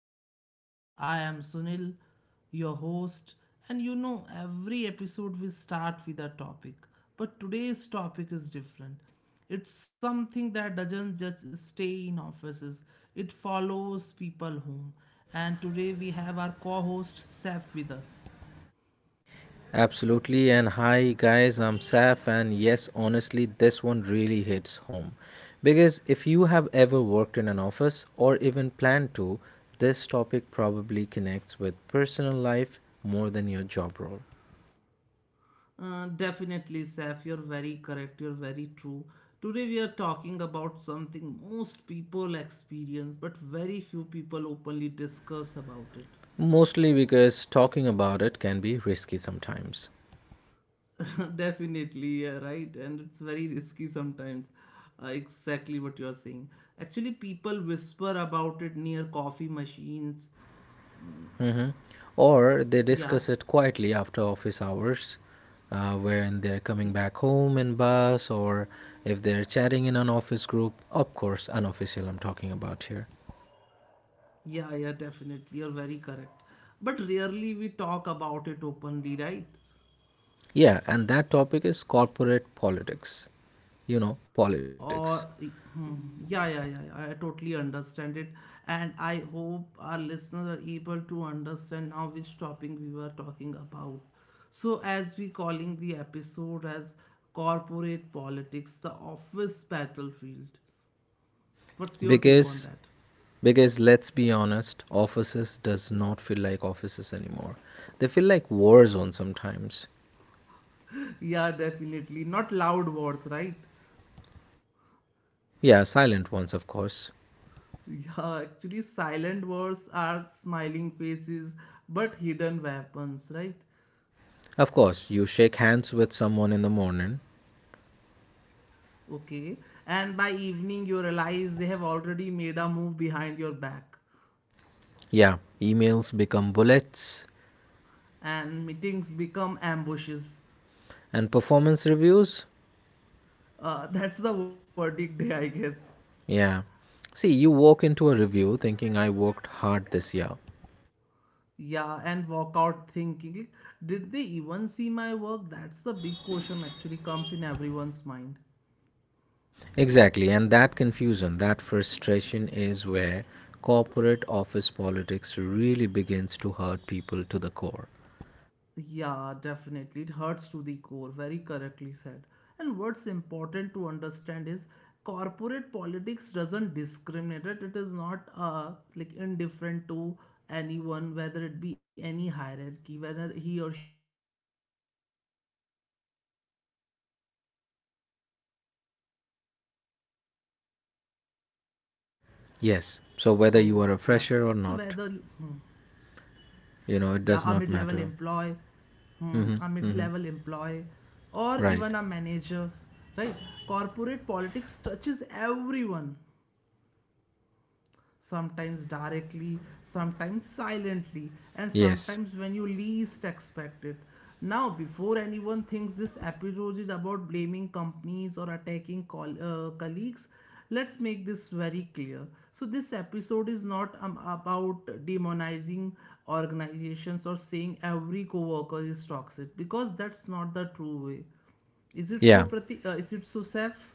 podcast. I am Sunil, your host, and you know, every episode we start with a topic, but today's topic is different. It's something that doesn't just stay in offices, it follows people home. And today we have our co host Saf with us. Absolutely, and hi guys, I'm Saf, and yes, honestly, this one really hits home. Because if you have ever worked in an office or even plan to, this topic probably connects with personal life more than your job role. Definitely, Saf, you're very correct. You're very true. Today, we are talking about something most people experience, but very few people openly discuss about it. Mostly because talking about it can be risky sometimes. Definitely, yeah, right. And it's very risky sometimes. Exactly what you're saying. Actually, people whisper about it near coffee machines. Hmm. Or they Yeah, discuss it quietly after office hours, wherein they're coming y- back home in bus, or if they're chatting in an office group. Of course, unofficial, I'm talking about here. yeah, yeah, definitely. You're very correct. But rarely we talk about it openly, right? Yeah, and that topic is corporate politics. You know, politics. Or yeah, I totally understand it, and I hope our listeners are able to understand now which topic we were talking about. So, as we calling the episode as corporate politics, the office battlefield. What's your take on Because that? because let's be honest, offices does not feel like offices anymore. They feel like war zones sometimes. Yeah, definitely. Not loud wars, right? Yeah, silent ones, of course. Yeah, actually, silent wars are smiling faces but hidden weapons, right? Of course, you shake hands with someone in the morning, Okay. And by evening, you realize they have already made a move behind your back, yeah, emails become bullets and meetings become ambushes. and performance reviews. That's the verdict day, I guess. Yeah. See, you walk into a review thinking I worked hard this year. Yeah, and walk out thinking, did they even see my work? That's the big question, actually, comes in everyone's mind. Exactly, and that confusion, that frustration is where corporate office politics really begins to hurt people to the core. Yeah, definitely. It hurts to the core, very correctly said. And what's important to understand is corporate politics doesn't discriminate. It is not like indifferent to anyone, whether it be any hierarchy, whether he or she is in any hierarchy, right? So, yeah. So, Yes, so whether you are a fresher or not, yeah, a mid it level does not employee, matter. A Mhm. mid-level Mhm. employee or even a Right. manager, right, corporate politics touches everyone, sometimes directly, sometimes silently, and Yes. sometimes when you least expect it. Now, before anyone thinks this episode is about blaming companies or attacking colleagues, let's make this very clear. So, this episode is not about demonizing organizations or saying every coworker is toxic, because that's not the true way. Is it so, Yeah. Prati? Is it so, Seth?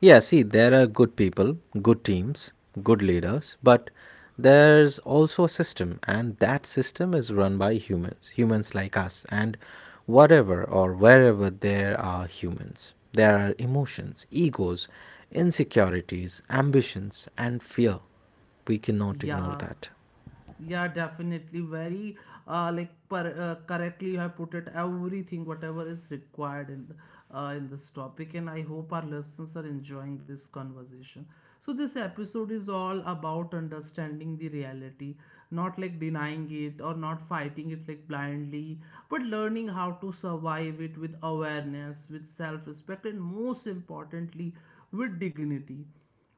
Yeah, see, there are good people, good teams, good leaders, but there's also a system, and that system is run by humans, humans like us, and whatever or wherever there are humans, there are emotions, egos, insecurities, ambitions, and fear. We cannot ignore Yeah. that. Yeah, definitely. Very correctly you have put it. Everything, whatever is required in the in this topic, and I hope our listeners are enjoying this conversation. So this episode is all about understanding the reality, not like denying it or not fighting it like blindly, but learning how to survive it with awareness, with self-respect, and most importantly, with dignity.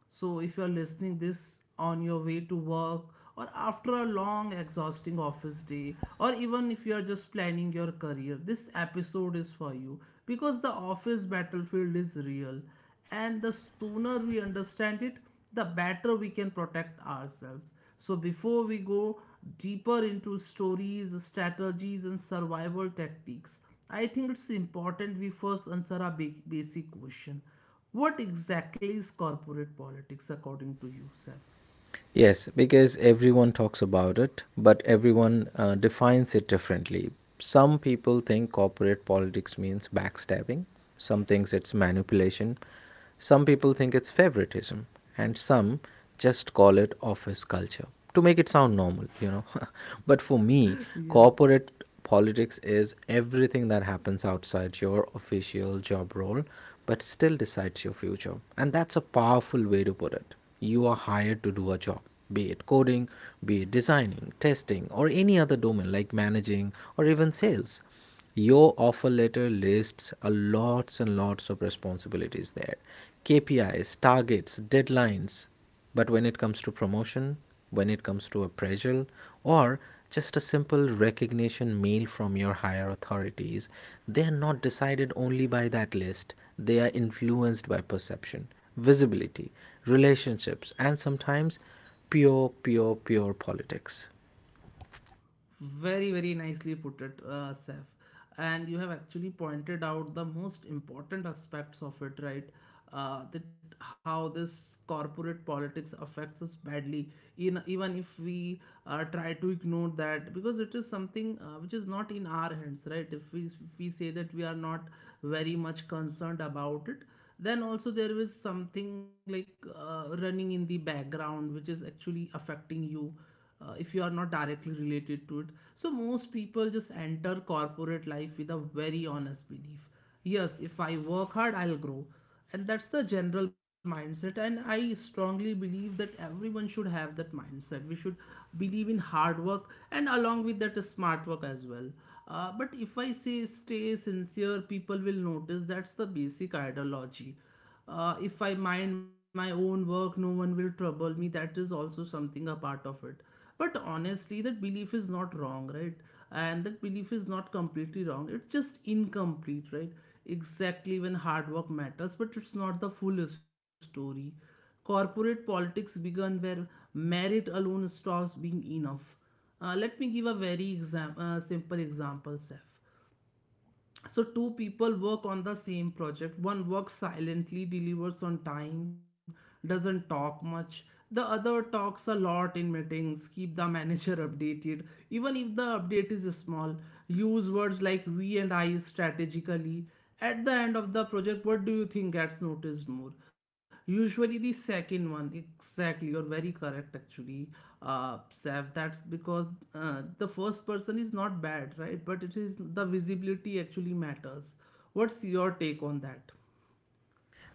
So if you are listening this on your way to work or after a long exhausting office day, or even if you are just planning your career, this episode is for you, because the office battlefield is real, and the sooner we understand it, the better we can protect ourselves. So before we go deeper into stories, strategies and survival tactics, I think it's important we first answer a basic question: what exactly is corporate politics according to you, Seth? Yes, because everyone talks about it, but everyone defines it differently. Some people think corporate politics means backstabbing, some thinks it's manipulation, some people think it's favoritism, and some just call it office culture to make it sound normal. But for me, Yeah. corporate politics is everything that happens outside your official job role, but still decides your future. And that's a powerful way to put it. You are hired to do a job, be it coding, be it designing, testing, or any other domain like managing or even sales. Your offer letter lists a lots and lots of responsibilities there: KPIs, targets, deadlines. But when it comes to promotion, when it comes to appraisal, or just a simple recognition mail from your higher authorities, they are not decided only by that list, they are influenced by perception, visibility, relationships, and sometimes pure, pure, pure politics. Very, very nicely put it, Saif. And you have actually pointed out the most important aspects of it, right? That how this corporate politics affects us badly, in, even if we try to ignore that, because it is something which is not in our hands, right? If we say that we are not very much concerned about it, then also there is something like running in the background which is actually affecting you, if you are not directly related to it. So most people just enter corporate life with a very honest belief. Yes, if I work hard, I'll grow. And that's the general mindset. And I strongly believe that everyone should have that mindset. We should believe in hard work, and along with that, smart work as well. But if I say stay sincere, people will notice, that's the basic ideology. If I mind my own work, no one will trouble me, that is also something a part of it. But honestly, that belief is not wrong, right? And that belief is not completely wrong, it's just incomplete, right? Exactly, when hard work matters, but it's not the full story. Corporate politics began where merit alone stops being enough. Let me give a very simple example, Seth. So two people work on the same project, one works silently, delivers on time, doesn't talk much. The other talks a lot in meetings, keep the manager updated even if the update is small, use words like we and I strategically. At the end of the project, what do you think gets noticed more? Usually the second one, exactly. You're very correct, actually, Saif. That's because the first person is not bad, right? But it is the visibility actually matters. What's your take on that?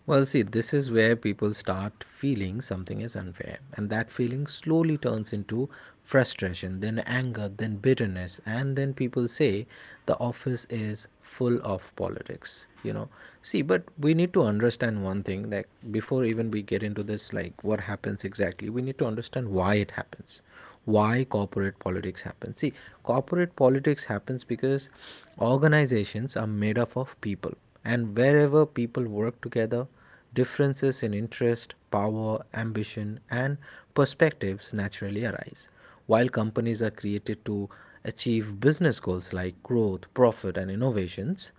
Well, see, this is where people start feeling something is unfair, and that feeling slowly turns into frustration, then anger, then bitterness, and then people say the office is full of politics. See, but we need to understand one thing that before even we get into this, like what happens exactly, we need to understand why it happens. Why corporate politics happens. See, corporate politics happens because organizations are made up of people, and wherever people work together, differences in interest, power, ambition, and perspectives naturally arise. While companies are created to achieve business goals like growth, profit, and innovations,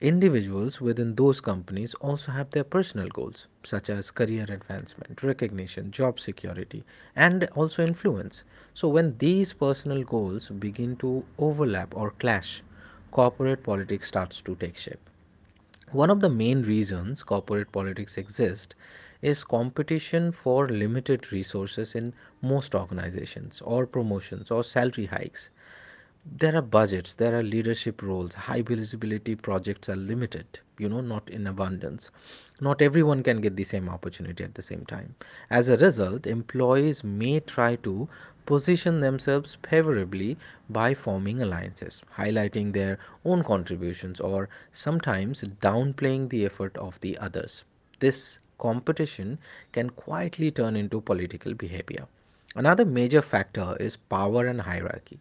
individuals within those companies also have their personal goals, such as career advancement, recognition, job security, and also influence. So, when these personal goals begin to overlap or clash, corporate politics starts to take shape. One of the main reasons corporate politics exist is competition for limited resources in most organizations or promotions or salary hikes. There are budgets, there are leadership roles, high visibility projects are limited, not in abundance. Not everyone can get the same opportunity at the same time. As a result, employees may try to position themselves favorably by forming alliances, highlighting their own contributions or sometimes downplaying the effort of the others. This competition can quietly turn into political behavior. Another major factor is power and hierarchy.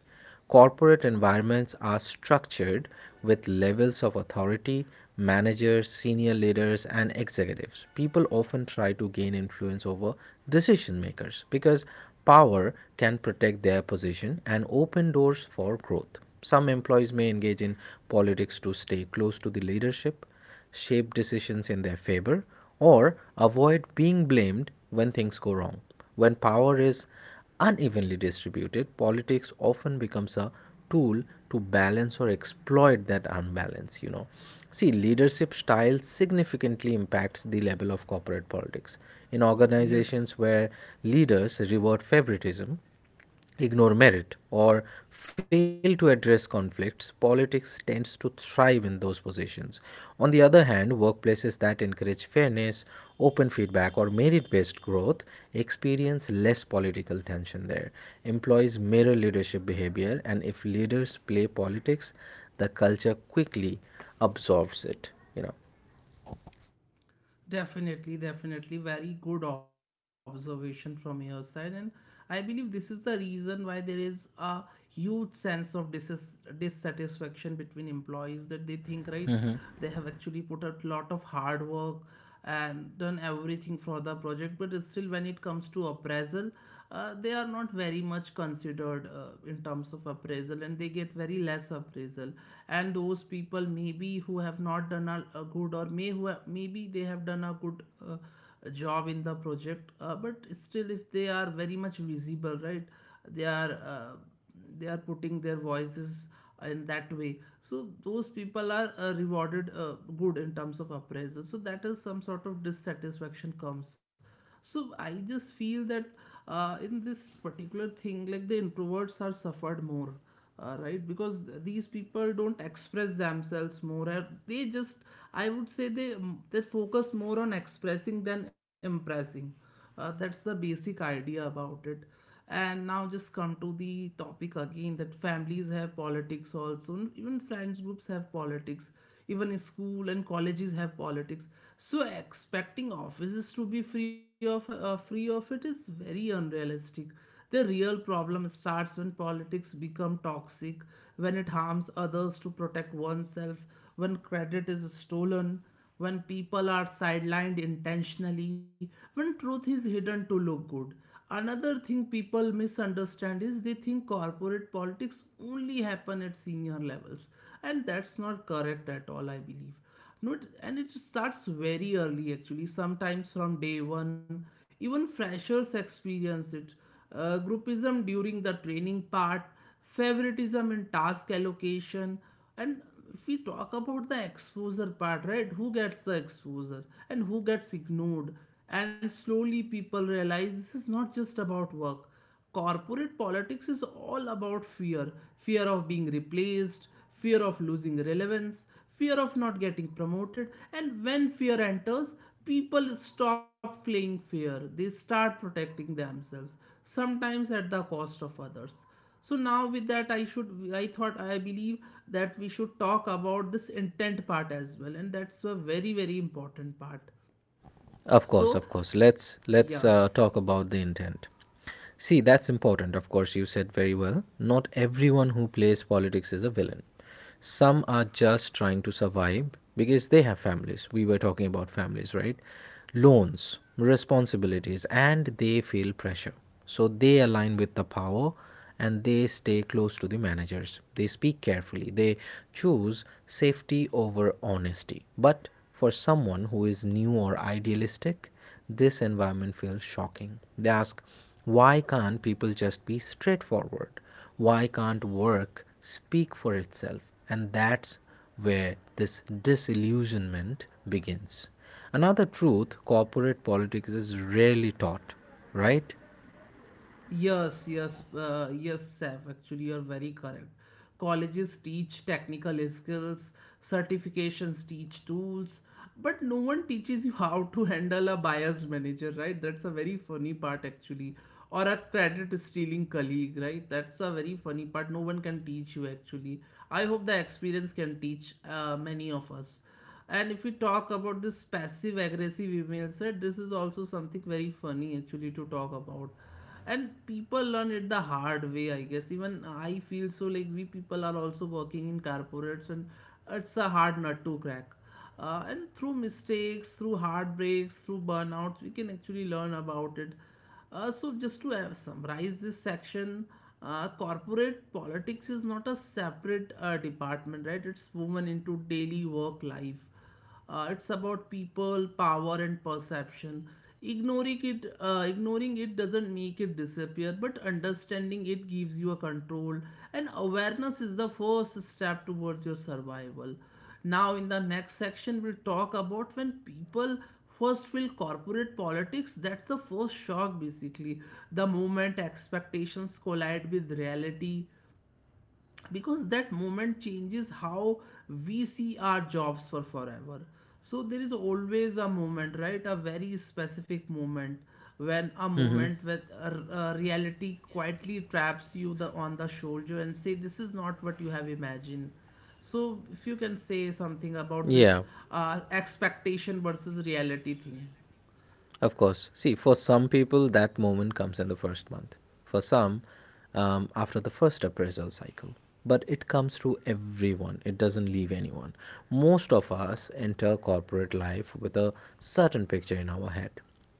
Corporate environments are structured with levels of authority, managers, senior leaders, and executives. People often try to gain influence over decision makers because power can protect their position and open doors for growth. Some employees may engage in politics to stay close to the leadership, shape decisions in their favor, or avoid being blamed when things go wrong. When power is unevenly distributed, politics often becomes a tool to balance or exploit that unbalance. See, leadership style significantly impacts the level of corporate politics. In Yes. organizations where leaders reward favoritism, ignore merit, or fail to address conflicts, politics tends to thrive in those positions. On the other hand, workplaces that encourage fairness, open feedback, or merit based growth experience less political tension there. Employees mirror leadership behavior, and if leaders play politics, the culture quickly absorbs it. Definitely, definitely. Very good observation from your side. And I believe this is the reason why there is a huge sense of dissatisfaction between employees, that they think, right, know. hmm they have actually put out a lot of hard work and done everything for the project, but it's still when it comes to appraisal, they are not very much considered in terms of appraisal, and they get very less appraisal. And those people maybe who have not done a good, or may who have, maybe they have done a good job in the project, but still if they are very much visible, right, they are uh, they are putting their voices in that way, so those people are rewarded good in terms of appraisal, so that is some sort of dissatisfaction comes. So I just feel that in this particular thing, like the introverts are suffered more, right, because these people don't express themselves more, they just, I would say they they focus more on expressing than impressing. That's the basic idea about it. And now just come to the topic again, that families have politics also, and even friends groups have politics, even school and colleges have politics. So expecting offices to be free of it is very unrealistic. The real problem starts when politics become toxic, when it harms others to protect oneself, when credit is stolen, when people are sidelined intentionally, when truth is hidden to look good. Another thing people misunderstand is they think corporate politics only happen at senior levels, and that's not correct at all, I believe. No, and it starts very early actually, sometimes from day one. Even freshers experience it. Groupism during the training part, favoritism in task allocation, and if we talk about the exposure part, right? Who gets the exposure and who gets ignored? And slowly people realize this is not just about work. Corporate politics is all about fear: fear of being replaced, fear of losing relevance, fear of not getting promoted. And when fear enters, people stop fleeing fear, they start protecting themselves, sometimes at the cost of others. So now with that, I believe that we should talk about this intent part as well, and that's a very very important part. Of course, So of course. Let's yeah. let's uh, talk about the intent. See, that's important, of course, you said very well. Not everyone who plays politics is a villain. Some are just trying to survive because they have families. We were talking about families, right? Loans, responsibilities, and they feel pressure. So they align with the power and they stay close to the managers. They speak carefully. They choose safety over honesty. But for someone who is new or idealistic, this environment feels shocking. They ask, why can't people just be straightforward? Why can't work speak for itself? And that's where this disillusionment begins. Another truth corporate politics is rarely taught, right? Yes, yes, yes, Saf. Actually, you're very correct. Colleges teach technical skills, certifications teach tools, but no one teaches you how to handle a biased manager, right? That's a very funny part, actually. Or a credit stealing colleague, right? That's a very funny part. No one can teach you, actually. I hope the experience can teach many of us. And if we talk about this passive aggressive emails, right, this is also something very funny, actually, to talk about. And people learn it the hard way, I guess. Even I feel so, like we people are also working in corporates, and it's a hard nut to crack. And through mistakes, through heartbreaks, through burnouts, we can actually learn about it. So just to summarize this section, corporate politics is not a separate department, right, it's woven into daily work life. It's about people, power, and perception. Ignoring it doesn't make it disappear, but understanding it gives you a control. And awareness is the first step towards your survival. Now, in the next section, we'll talk about when people first feel corporate politics. That's the first shock, basically. The moment expectations collide with reality, because that moment changes how we see our jobs for forever. So there is always a moment, right, a very specific moment, when a Mm-hmm. moment with a reality quietly traps you the on the shoulder and say this is not what you have imagined. So if you can say something about this Yeah. Expectation versus reality thing. Of course. See, for some people, that moment comes in the first month. For some, after the first appraisal cycle. But it comes to everyone, it doesn't leave anyone. Most of us enter corporate life with a certain picture in our head.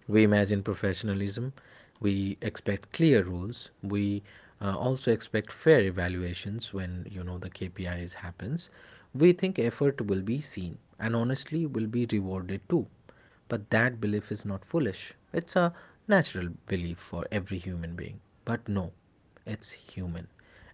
We imagine professionalism, we expect clear rules, we also expect fair evaluations when you know the KPIs happens. We think effort will be seen and honestly will be rewarded too, but that belief is not foolish. It's a natural belief for every human being. But no, it's human.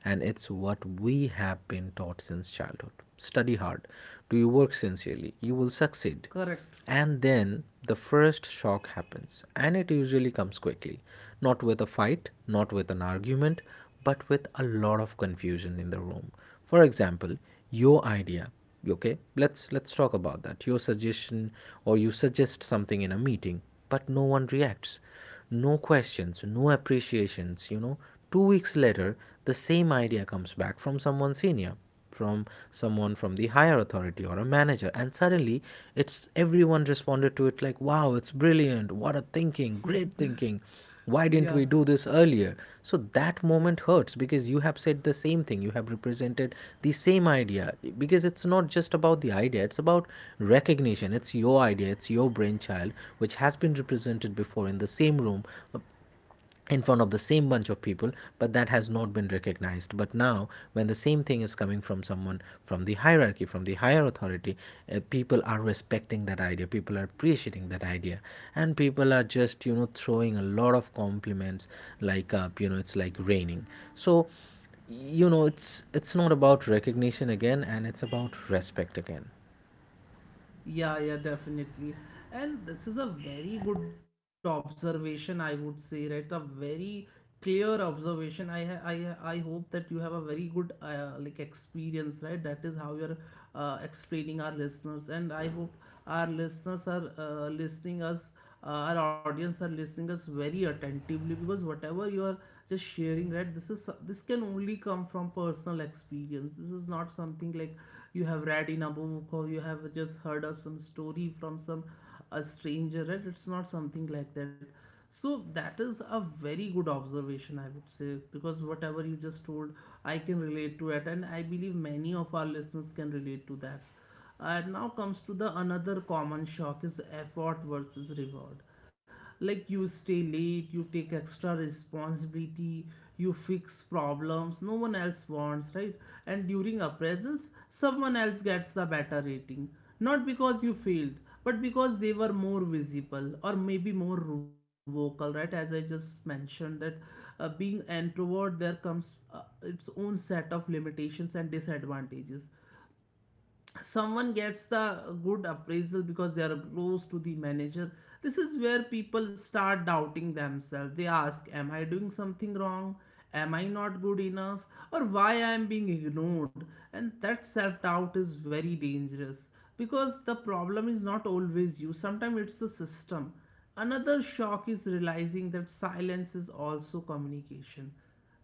And it's what we have been taught since childhood. Study hard, do your work sincerely, you will succeed. Correct. And then the first shock happens, and it usually comes quickly. Not with a fight, not with an argument, but with a lot of confusion in the room. For example, your idea, okay, let's talk about that. Your suggestion, or you suggest something in a meeting, but no one reacts, no questions, no appreciations. 2 weeks later, the same idea comes back from someone senior, from someone from the higher authority or a manager, and suddenly it's everyone responded to it like, wow, it's brilliant, what a thinking, great thinking, why yeah didn't we do this earlier? So that yeah moment hurts because you have said the same thing, you have represented the same idea, because it's not just about the idea, it's about recognition, it's your idea, it's your brainchild, which has been represented before in the same room, uh, in front of the same bunch of people, but that has not been recognized. But now when the same thing is coming from someone from the hierarchy, from the higher authority, people are respecting that idea, people are appreciating that idea, and people are just throwing a lot of compliments, like, it's like raining. So, it's not about recognition again, and it's about respect again. yeah, yeah, definitely. And this is a very good observation, I would say, right? A very clear observation. I hope that you have a very good like experience, right? That is how you're explaining our listeners, and I hope our listeners are listening us, our audience are listening us very attentively because whatever you are just sharing, right? This can only come from personal experience. This is not something like you have read in a book or you have just heard of some story from some a stranger, right? It's not something like that. So that is a very good observation, I would say, because whatever you just told, I can relate to it, and I believe many of our listeners can relate to that. And now comes to the another common shock is effort versus reward. Like, you stay late, you take extra responsibility, you fix problems no one else wants, right? And during appraisals someone else gets the better rating, not because you failed, but because they were more visible, or maybe more vocal, right? As I just mentioned that, being introvert, there comes its own set of limitations and disadvantages. Someone gets the good appraisal because they are close to the manager. This is where people start doubting themselves. They ask, am I doing something wrong? Am I not good enough? Or why I am being ignored? And that self doubt is very dangerous, because the problem is not always you. Sometimes it's the system. Another shock is realizing that silence is also communication.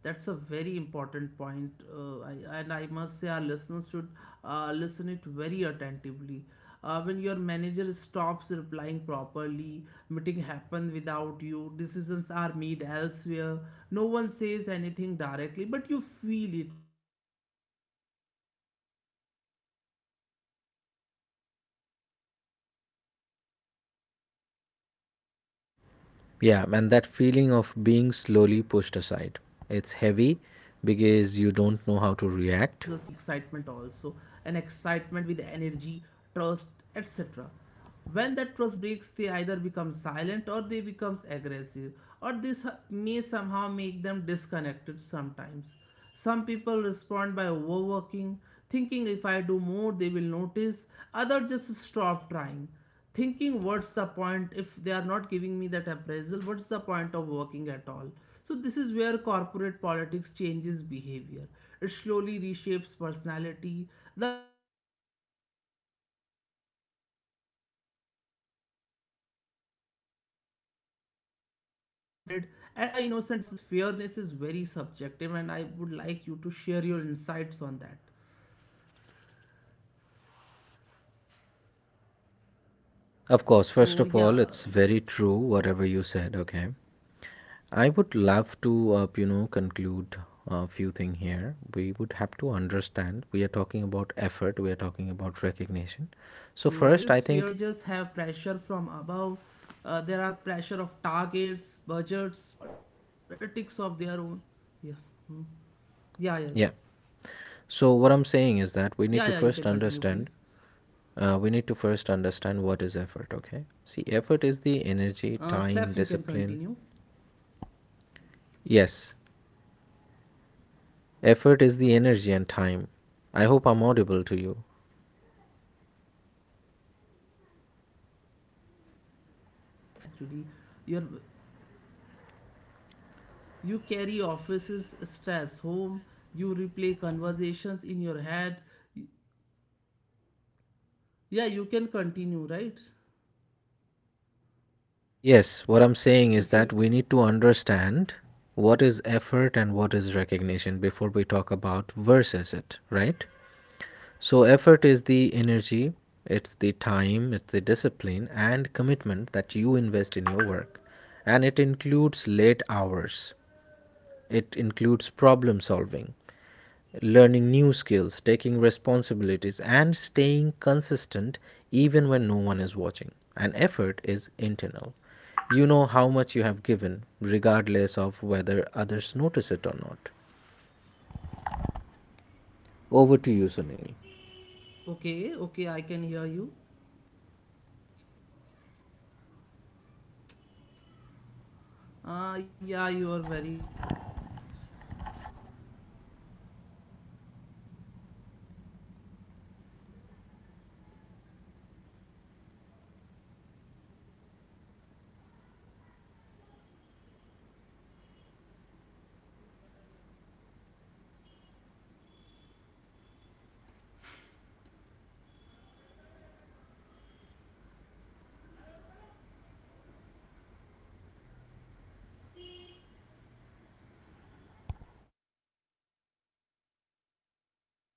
That's a very important point, and I must say our listeners should listen it very attentively. When your manager stops replying properly, meeting happen without you, decisions are made elsewhere. No one says anything directly, but you feel it, right? You feel it. That feeling of being slowly pushed aside, it's very heavy, because you don't know how to react, and there is no clear mistake to fix. Yeah, Freshers and feel that this feeling shock of very being deeply. slowly pushed Yes, aside, because they are it's emotionally heavy unprepared, but they because you comes with don't an know how to excitement react. also, an excitement with energy, trust, etc. When that trust breaks, they either become silent or they becomes aggressive, or this may somehow make them disconnected sometimes. Some people respond by overworking, thinking if I do more, they will notice. Others just stop trying, thinking what's the point if they are not giving me that appraisal, what's the point of working at all? So, this is where corporate politics changes behavior. It slowly reshapes personality. The innocent becomes cautious, the honest becomes strategic, the enthusiastic becomes guarded. And another harsh realization is fairness is very subjective, and I would like you to share your insights on that. Of course, So, first of all, yeah. it's very true Mm, whatever and you it's said, very true, okay? right? Uh, I would Saf, that's love the to, thing you are telling. conclude So a what few feels thing fair here. to you We may would have feel to understand we are justified to talking about someone effort, we else. are talking about Managers recognition. have pressure So, from first, I above. think, Uh, there are pressure of targets, budgets, politics of their own. Yeah. Yeah, yeah, yeah. yeah. Yeah, yeah, you So, can what I'm continue, saying is please. that we need to first understand. We need to first understand what is effort, okay? See, effort is the Seth, you can energy, time, continue. discipline. Yes, So, your effort is the energy expectation and of a time. clean I hope system I'm audible collides to with you. Messy reality. This collision creates emotional exhaustion, actually. Your, you carry office's stress home, you replay conversations in your head. Yeah, you can continue, right? Yes, what I'm saying If is you that want we to need say to something, understand what is you effort can and say what on is behalf of our recognition before we audience. talk about versus it, right? So, effort is the energy, it's the time, it's the discipline and commitment that you invest in your work. And it includes late hours, it includes problem solving, learning new skills, taking responsibilities, and staying consistent even when no one is watching. And effort is internal. You know how much you have given, regardless of whether others notice it or not. Over to you, Sunil. Okay, okay, I can hear you. Yeah, you are very correct. Once you see the gap between expectation and reality, you can actually adapt. You can protect yourself. You can make informed decisions. You can make informed choices. And we'll talk about the different characters you meet in the office battlefield, the players, the roles, and how recognizing them early can save you the years of stress. Once you survive the first shock, something interesting happens. You start pausing. This is how the things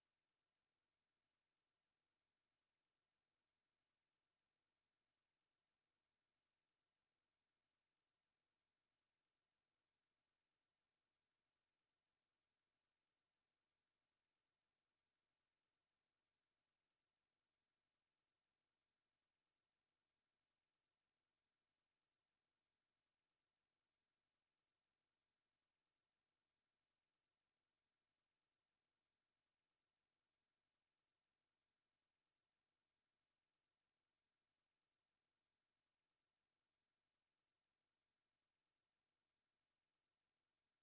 actually happen, right? And that is how things work. Earlier you were focused only on work, now the deadlines, now the deliverables. Now you start noticing the behavior, like who speaks when, who stays silent, who supports you publicly, and who disappears when things go wrong. The office slowly starts feeling like a battlefield, and every battlefield has different types of players, not everyone fighting the same way. Some attack openly, some defend quietly, and some pretend they are not part of the war at all. Now let's start with one of the most common character.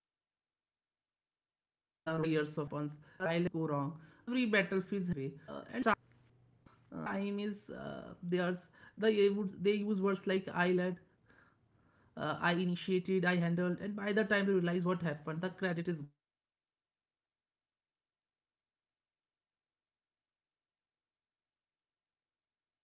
They listen carefully, they observe, and when the time is theirs, they use words like "I led," I initiated, I handled, and by the time you realize what happened, the credit is gone. What hurts most is not the loss of praise. I guess we are not able to hear this out.